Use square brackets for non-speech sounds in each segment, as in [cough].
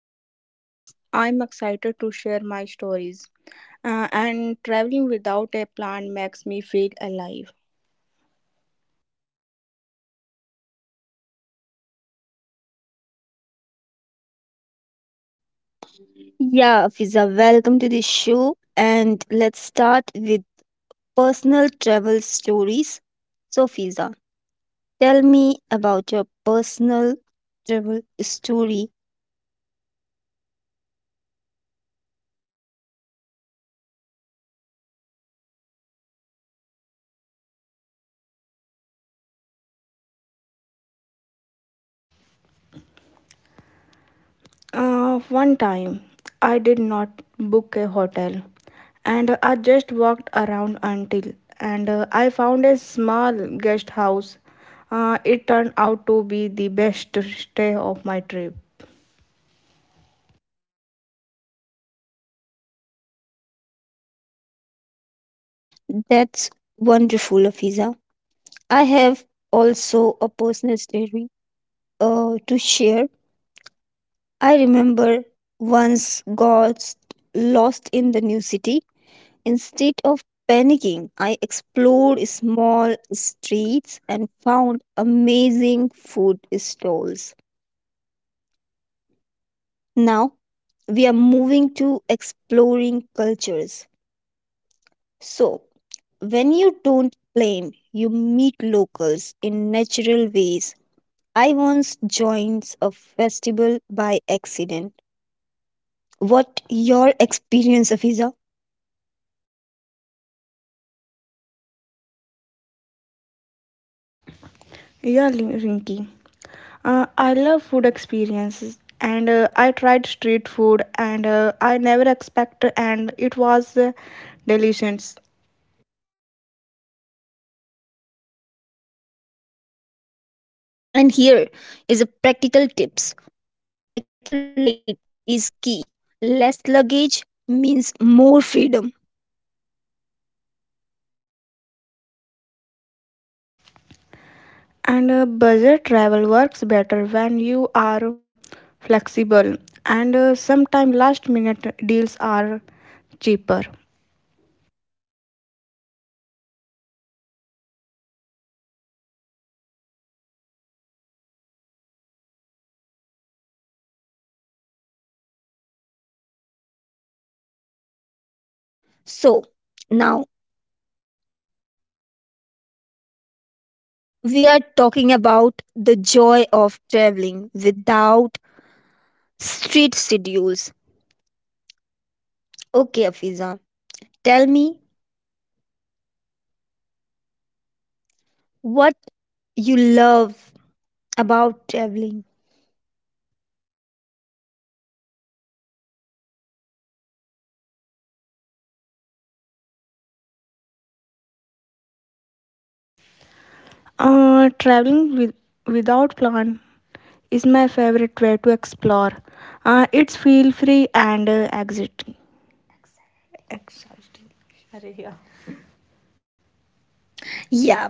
Hi listeners. I'm excited to share my stories. And traveling without a plan makes me feel alive. Yeah, Fiza, welcome to the show. And let's start with personal travel stories. So, Fiza, tell me about your personal travel story. One time, I did not book a hotel and I just walked around until and I found a small guest house. It turned out to be the best stay of my trip. That's wonderful, Fiza. I have also a personal story to share. I remember once got lost in the new city. Instead of panicking, I explored small streets and found amazing food stalls. Now we are moving to exploring cultures. So, when you don't plan, you meet locals in natural ways. I once joined a festival by accident. What your experience, Afiza? Yeah, Rinki. I love food experiences, and I tried street food, and I never expect, and it was delicious. And here is a practical tips. Packing light is key. Less luggage means more freedom. And Budget travel works better when you are flexible, and sometimes last minute deals are cheaper. So, now we are talking about the joy of traveling without street schedules. Okay, Afiza, tell me what you love about traveling. Traveling without plan is my favorite way to explore. It's feel free and exciting. Yeah,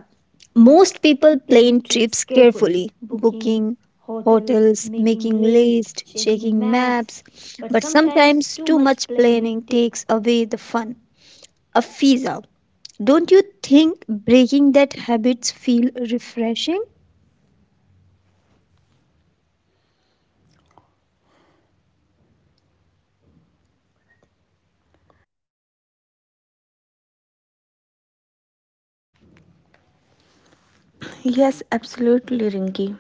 most people plan trips carefully, booking hotels, making lists, checking maps, but sometimes too much planning takes away the fun. Afiza, don't you think breaking that habits feel refreshing? Yes, absolutely, Rinki.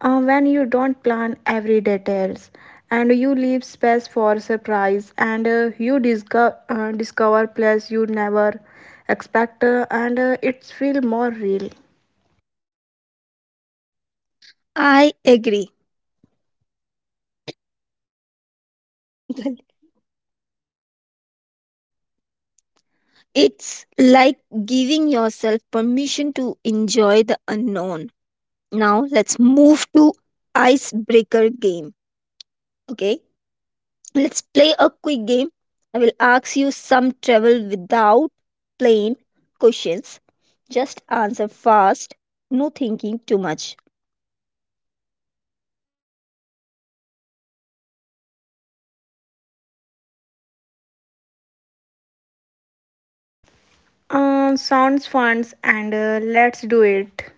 When you don't plan every details and you leave space for surprise and you discover place you never expect and it's feel more real. I agree. [laughs] It's like giving yourself permission to enjoy the unknown. Now let's move to icebreaker game. Okay? Let's play a quick game. I will ask you some travel without plain questions. Just answer fast, no thinking too much. Sounds fun and let's do it.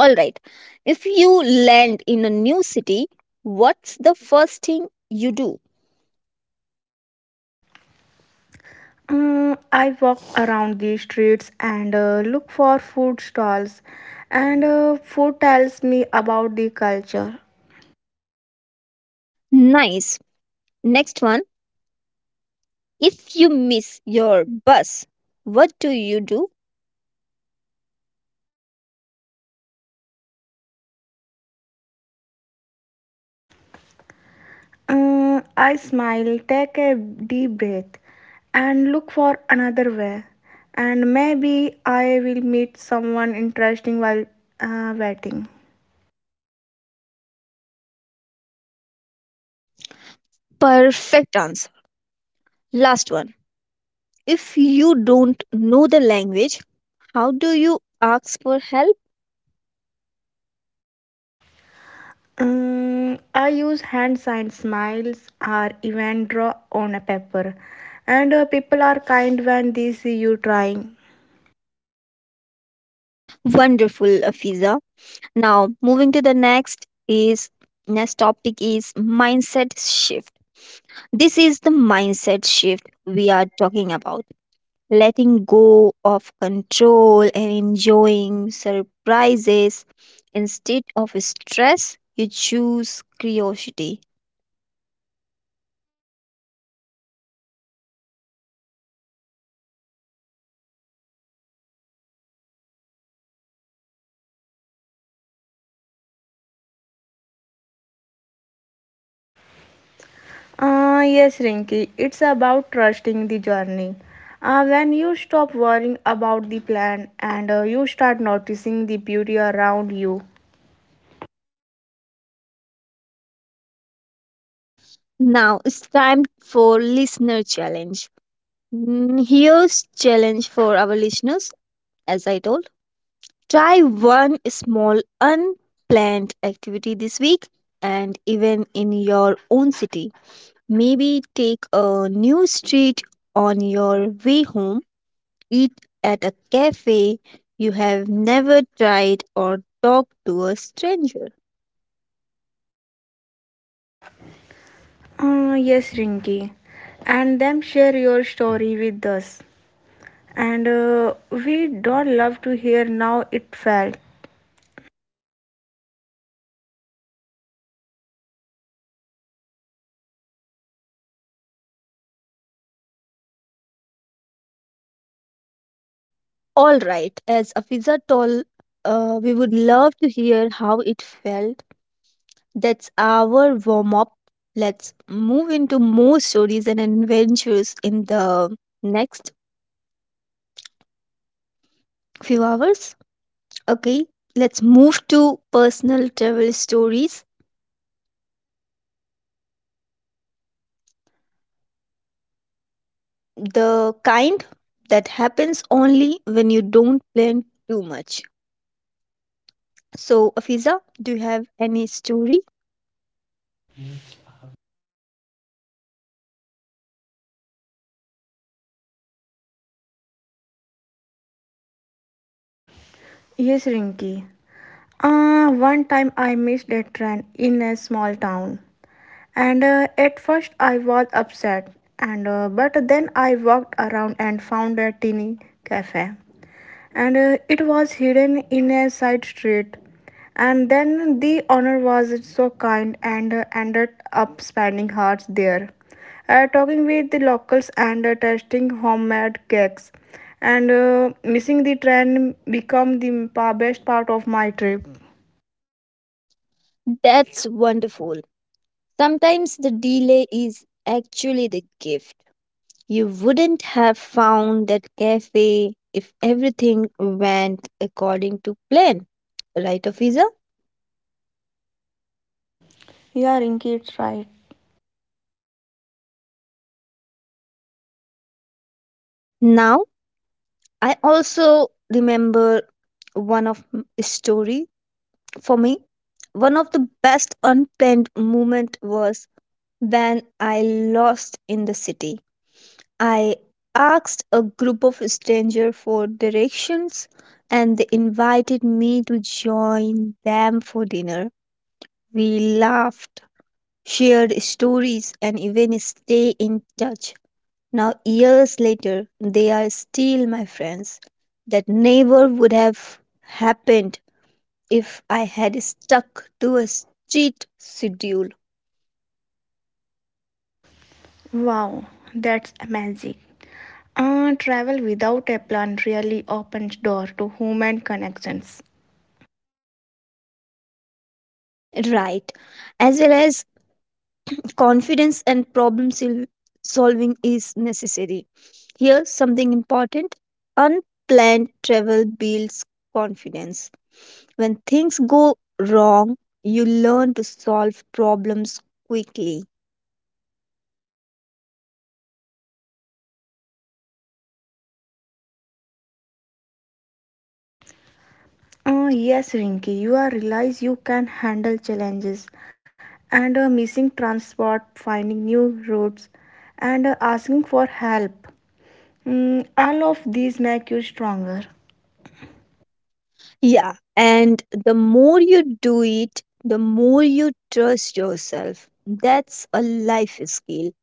All right. If you land in a new city, what's the first thing you do? Uh, I walk around the streets and look for food stalls and food tells me about the culture. Nice. Next one. If you miss your bus, what do you do? I smile, take a deep breath, and look for another way. And maybe I will meet someone interesting while waiting. Perfect answer. Last one. If you don't know the language, how do you ask for help? I use hand sign smiles or even draw on a paper. And People are kind when they see you trying. Wonderful, Afiza. Now, moving to the next is next topic is mindset shift. This is the mindset shift we are talking about letting go of control and enjoying surprises instead of stress you choose curiosity. Yes, Rinky, it's about trusting the journey. When you stop worrying about the plan and you start noticing the beauty around you. Now it's time for listener challenge. Mm, here's challenge for our listeners, as I told, try one small unplanned activity this week, and even in your own city. Maybe take a new street on your way home, eat at a cafe you have never tried, or talk to a stranger. Yes, Rinki. And then share your story with us. And We don't love to hear now it fell. All right, as Afiza told, we would love to hear how it felt. That's our warm up. Let's move into more stories and adventures in the next few hours. Okay, let's move to personal travel stories, the kind that happens only when you don't plan too much. So, Afiza, do you have any story? Yes, Rinki. One time I missed a train in a small town. And At first I was upset. And But then I walked around and found a tiny cafe, and it was hidden in a side street. And then the owner was so kind and ended up spending hours there, talking with the locals and tasting homemade cakes. And Missing the train become the best part of my trip. That's wonderful. Sometimes the delay is actually the gift. You wouldn't have found that cafe if everything went according to plan, right, Afiza? Yeah, Rinky, it's right. Now, I also remember story for me. One of the best unplanned moment was when I lost in the city. I asked a group of strangers for directions and they invited me to join them for dinner. We laughed, shared stories, and even stay in touch. Now, years later, they are still my friends. That never would have happened if I had stuck to a strict schedule. Wow, that's amazing. Travel without a plan really opens door to human connections. Right. As well as confidence and solving is necessary. Here, something important: unplanned travel builds confidence. When things go wrong, you learn to solve problems quickly. Yes, Rinki, you are realize you can handle challenges and missing transport, finding new routes, and asking for help. Mm, all of these make you stronger. Yeah, and the more you do it, the more you trust yourself. That's a life skill,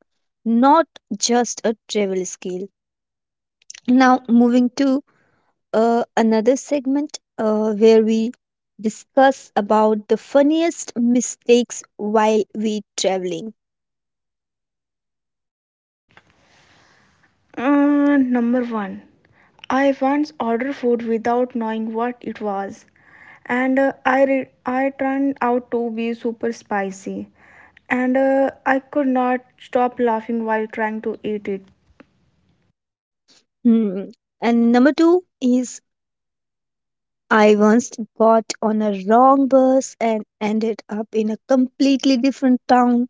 not just a travel skill. Now, moving to another segment where we discuss about the funniest mistakes while we traveling. Number one, I once ordered food without knowing what it was, and I turned out to be super spicy, and I could not stop laughing while trying to eat it. Hmm. And number two is I once got on a wrong bus and ended up in a completely different town.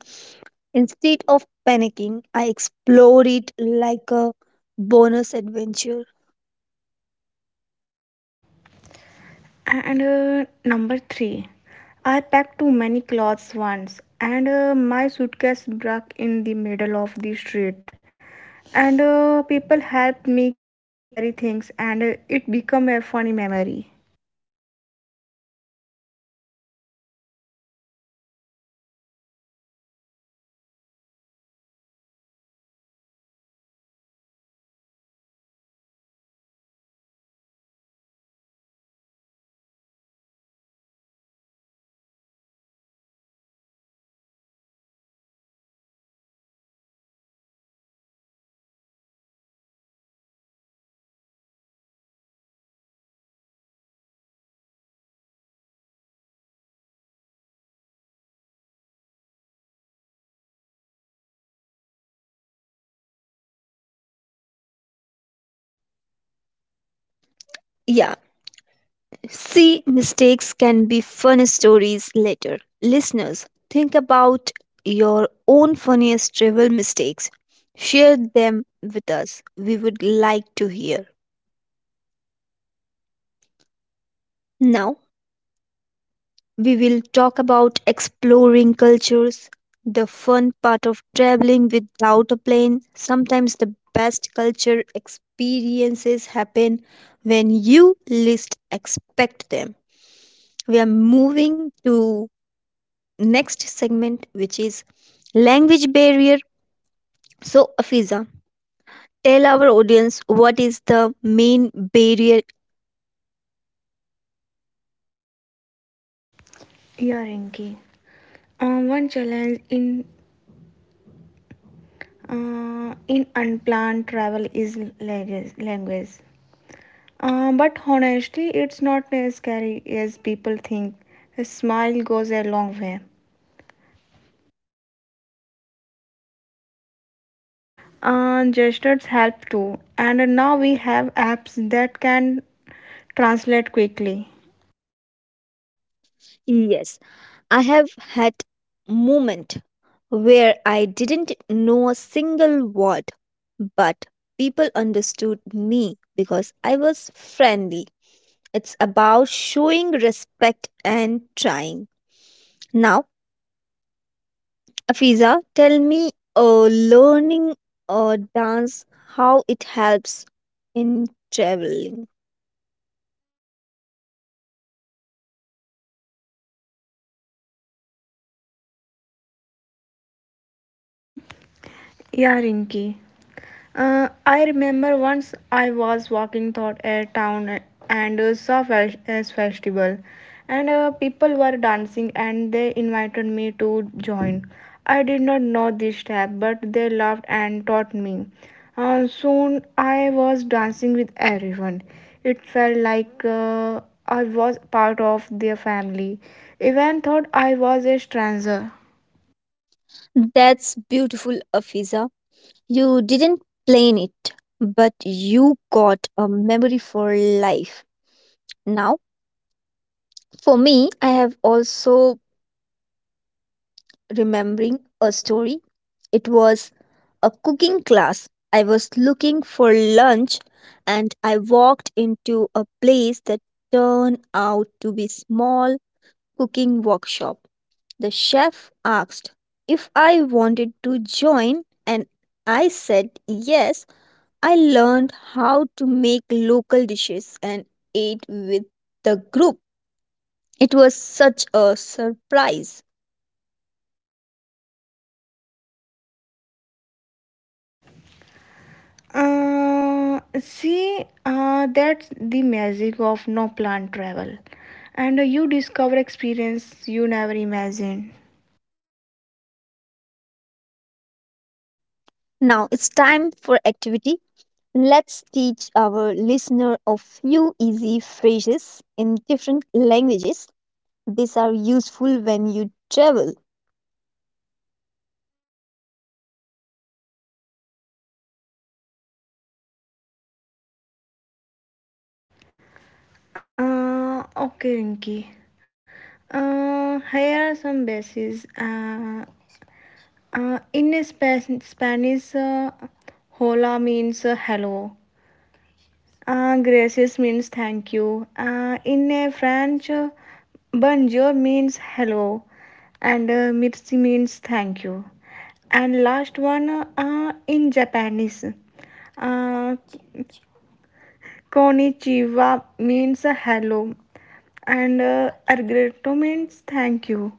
Instead of panicking, I explored it like a bonus adventure. And Number three, I packed too many clothes once, and my suitcase broke in the middle of the street. And people helped me carry things, and it became a funny memory. Yeah, see, mistakes can be fun stories later. Listeners, think about your own funniest travel mistakes. Share them with us. We would like to hear. Now, we will talk about exploring cultures, the fun part of traveling without a plane. Sometimes the best culture experiences happen when you least expect them. We are moving to next segment, which is language barrier. So, Afiza, tell our audience what is the main barrier. Yeah, Rinki. One challenge in in unplanned travel is language. But honestly, it's not as scary as people think. A smile goes a long way. Gestures help too and now we have apps that can translate quickly. Yes, I have had moment where I didn't know a single word, but people understood me because I was friendly. It's about showing respect and trying. Now, Afiza, tell me uh, learning dance, how it helps in traveling. Yeah, Rinki. I remember once I was walking through a town and saw a festival, and people were dancing and they invited me to join. I did not know this step, but they laughed and taught me. Soon I was dancing with everyone. It felt like I was part of their family, even thought I was a stranger. That's beautiful, Afiza. You didn't plan it, but you got a memory for life. Now, for me, I have also remembering a story. It was a cooking class. I was looking for lunch and I walked into a place that turned out to be small cooking workshop. The chef asked if I wanted to join, and I said yes. I learned how to make local dishes and ate with the group. It was such a surprise. See, that's the magic of no plan travel, and you discover experience you never imagined. Now it's time for activity. Let's teach our listener a few easy phrases in different languages. These are useful when you travel. Okay, Rinki. Here are some bases. In Spanish, hola means hello. Gracias means thank you. In a French, bonjour means hello, and merci means thank you. And last one in Japanese, uh, konnichiwa means hello, and arigato means thank you.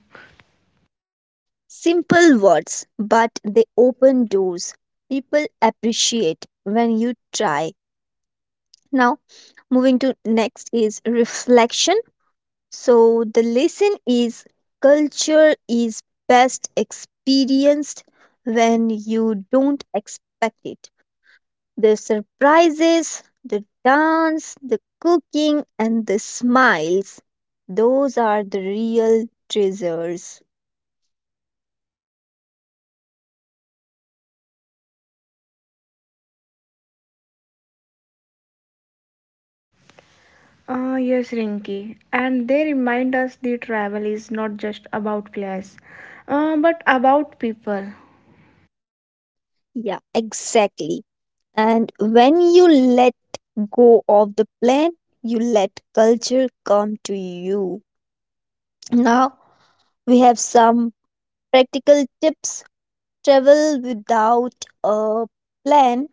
Simple words, but they open doors. People appreciate when you try. Now, moving to next is reflection. So, the lesson is culture is best experienced when you don't expect it. The surprises, the dance, the cooking, and the smiles, those are the real treasures. Yes, Rinki. And they remind us the travel is not just about place, but about people. Yeah, exactly. And when you let go off the plan, you let culture come to you. Now we have some practical tips. Travel without a plan.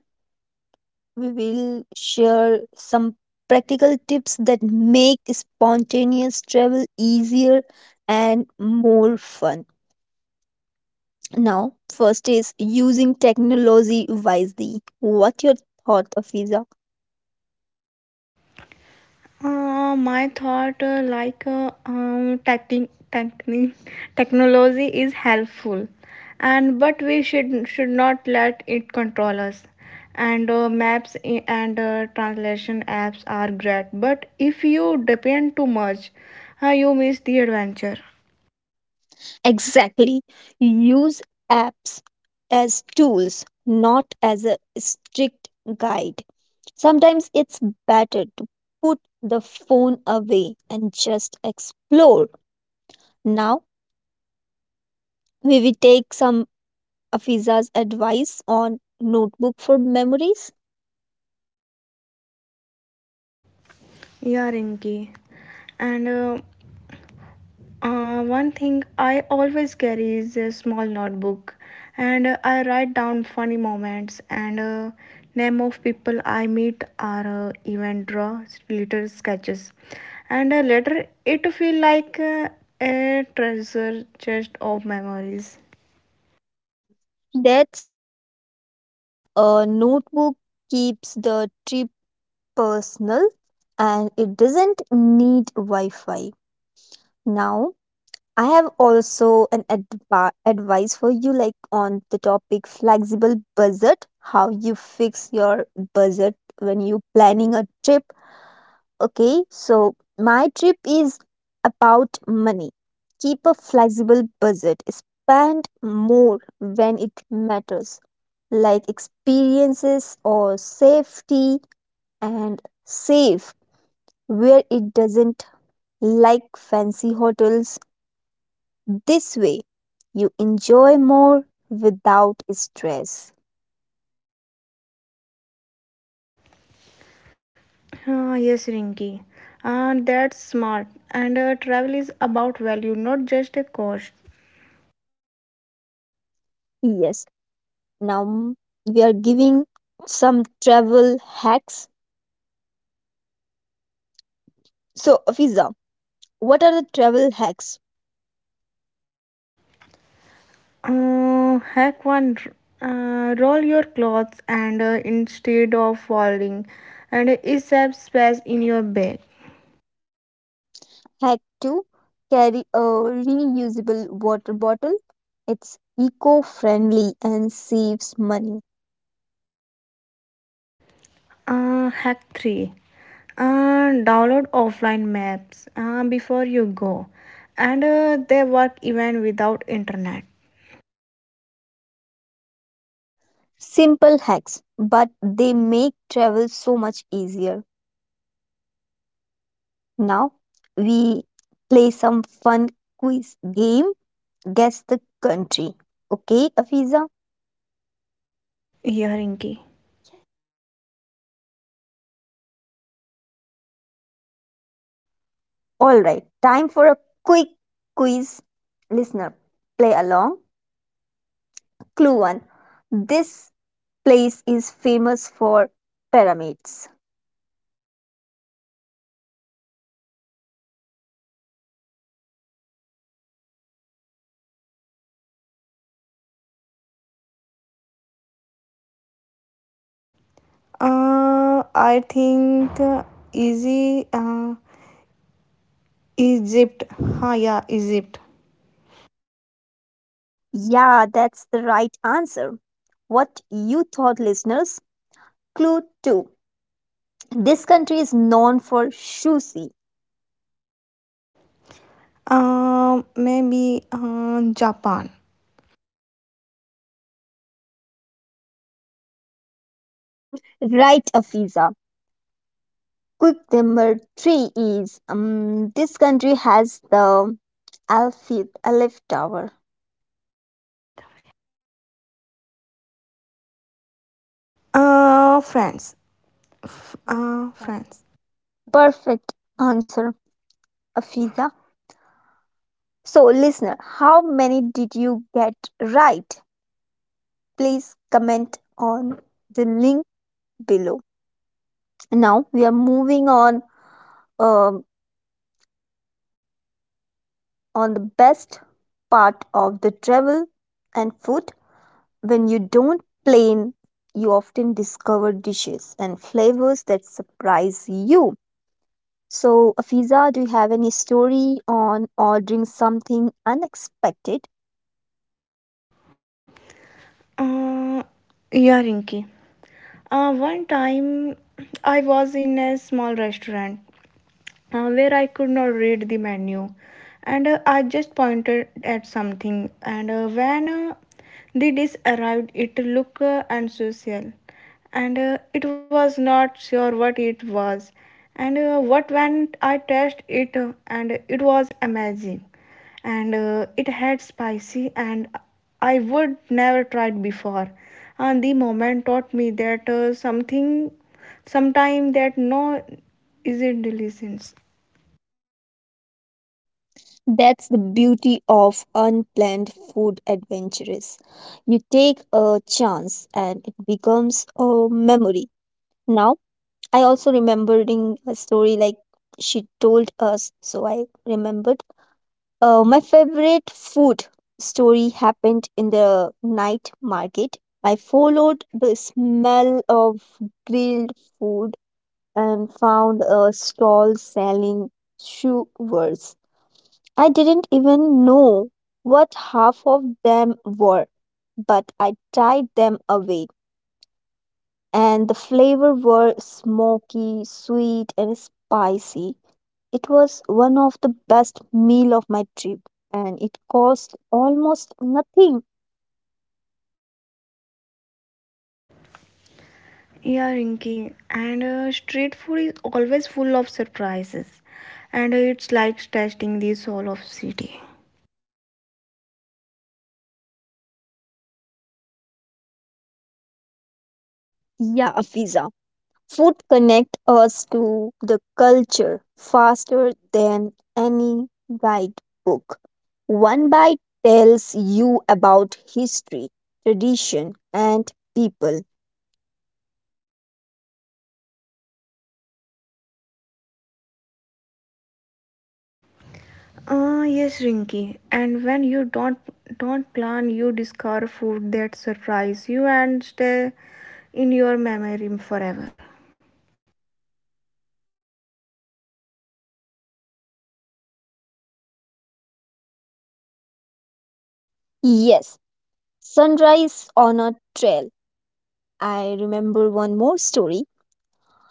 We will share some practical tips that make spontaneous travel easier and more fun. Now, first is using technology wisely. What your thought, Afiza? My thought like techni- techni- technology is helpful and but we should not let it control us and maps and translation apps are great but if you depend too much, you miss the adventure. Exactly. Use apps as tools, not as a strict guide. Sometimes it's better to put the phone away and just explore. Now, we will take some Afiza's advice on notebook for memories. Yeah, Rinki. And One thing I always carry is a small notebook, and I write down funny moments and name of people I meet or even draw little sketches. And Later, it feel like a treasure chest of memories. That's wonderful. A notebook keeps the trip personal and it doesn't need Wi Fi. Now, I have also an advice for you, like on the topic flexible budget, how you fix your budget when you planning a trip. Okay, so my trip is about money. Keep a flexible budget, spend more when it matters, like experiences or safety, and save where it doesn't, like fancy hotels. This way, you enjoy more without stress. Ah yes, Rinky. Ah, that's smart. And Travel is about value, not just a cost. Yes, now, mm, we are giving some travel hacks. So, Fiza, what are the travel hacks? Hack one, roll your clothes and instead of folding and is a space in your bag. Hack 2, carry a reusable water bottle. It's eco friendly and saves money. Hack 3, uh, download offline maps before you go and they work even without internet. Simple hacks, but they make travel so much easier. Now, we play some fun quiz game, guess the country. Okay, Afiza? Hearing Rinki. Alright, time for a quick quiz. Listener, play along. Clue 1: this place is famous for pyramids. I think, easy, Egypt. Ha yeah Egypt. Yeah, that's the right answer. What you thought, listeners? Clue 2: this country is known for sushi. Maybe Japan. Right, Afiza. Quick number 3 is this country has the Alfie Alif Tower. France. France. Perfect answer, Afiza. So, listener, how many did you get right? Please comment on the link below. Now we are moving on, um, on the best part of the travel and food. When you don't plan, you often discover dishes and flavors that surprise you. So, Afiza, do you have any story on ordering something unexpected? Uh, yeah, Rinki. One time I was in a small restaurant, where I could not read the menu. And I just pointed at something. And when the dish arrived, it looked unsocial. And It was not sure what it was. And what when I tasted it, and it was amazing. And It had spicy, and I would never tried before. And the moment taught me that sometime that no, is it delicious. That's the beauty of unplanned food adventures. You take a chance and it becomes a memory. Now, I also remembering a story like she told us, so I remembered. My favorite food story happened in the night market. I followed the smell of grilled food and found a stall selling shoe. I didn't even know what half of them were, but I tried them away, and the flavor were smoky, sweet, and spicy. It was one of the best meal of my trip, and it cost almost nothing. Yeah, Rinky, and street food is always full of surprises, and it's like testing the soul of city. Yeah, a pizza. Food connect us to the culture faster than any guidebook. One bite tells you about history, tradition, and people. Ah, yes, Rinky, and when you don't plan, you discover food that surprise you and stay in your memory forever. Yes, sunrise on a trail. I remember one more story.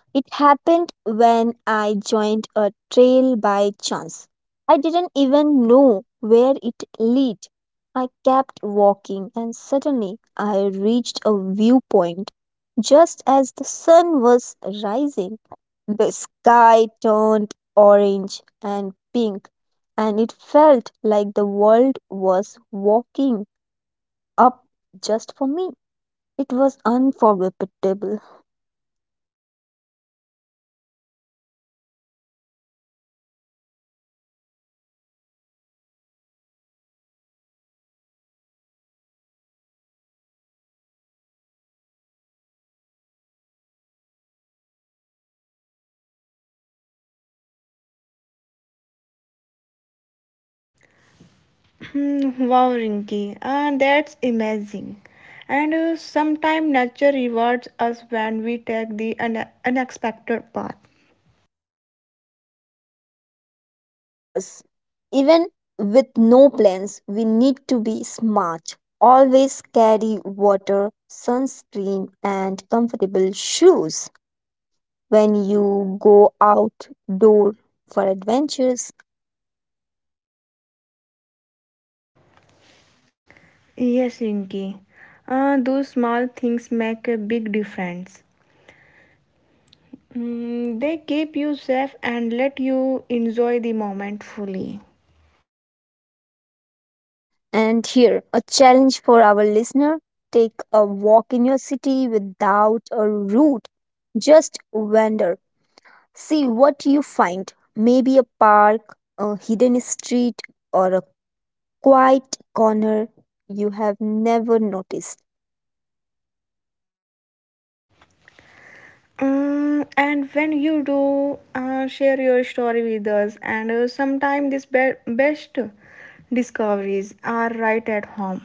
It happened when I joined a trail by chance. I didn't even know where it led. I kept walking and suddenly I reached a viewpoint just as the sun was rising. The sky turned orange and pink, and it felt like the world was walking up just for me. It was unforgettable. Hmm, wow, Rinky, ah, that's amazing. And sometimes nature rewards us when we take the unexpected path. Of course, even with no plans, we need to be smart. Always carry water, sunscreen, and comfortable shoes when you go outdoor for adventures. Yes, Rinki. Those small things make a big difference. Mm, they keep you safe and let you enjoy the moment fully. And here, a challenge for our listener: take a walk in your city without a route. Just wander. See what you find. Maybe a park, a hidden street, or a quiet corner you have never noticed. Mm, and when you do, share your story with us. And sometimes these best discoveries are right at home.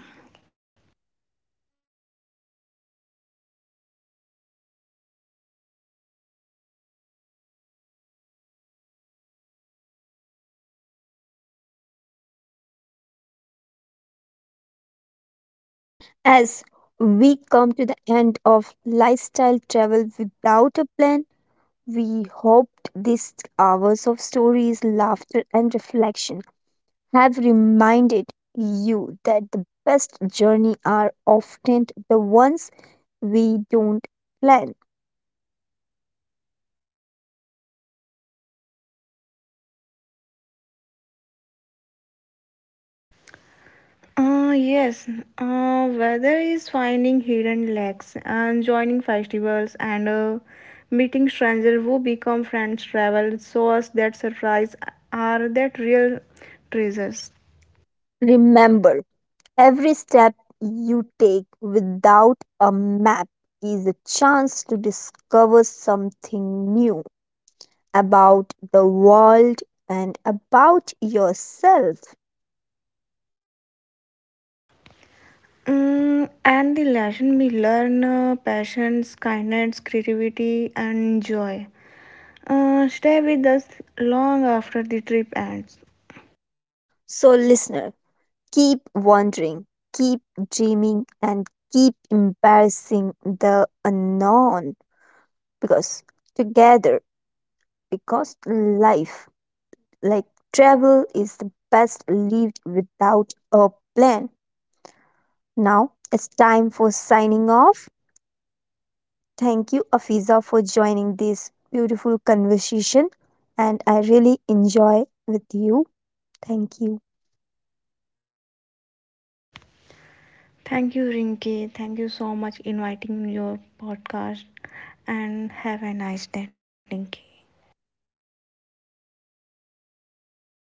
As we come to the end of lifestyle travel without a plan, we hoped these hours of stories, laughter, and reflection have reminded you that the best journey are often the ones we don't plan. Yes, weather is finding hidden lacks and joining festivals and meeting strangers who become friends, travel, shows that surprise are that real treasures. Remember, every step you take without a map is a chance to discover something new about the world and about yourself. Mm, and the lesson we learn passions, kindness, creativity, and joy. Stay with us long after the trip ends. So, listener, keep wondering, keep dreaming, and keep embarrassing the unknown, because together, because life like travel is the best lived without a plan. Now it's time for signing off. Thank you, Afiza, for joining this beautiful conversation, and I really enjoy with you. Thank you. Thank you, Rinki. Thank you so much inviting your podcast and have a nice day, Rinki.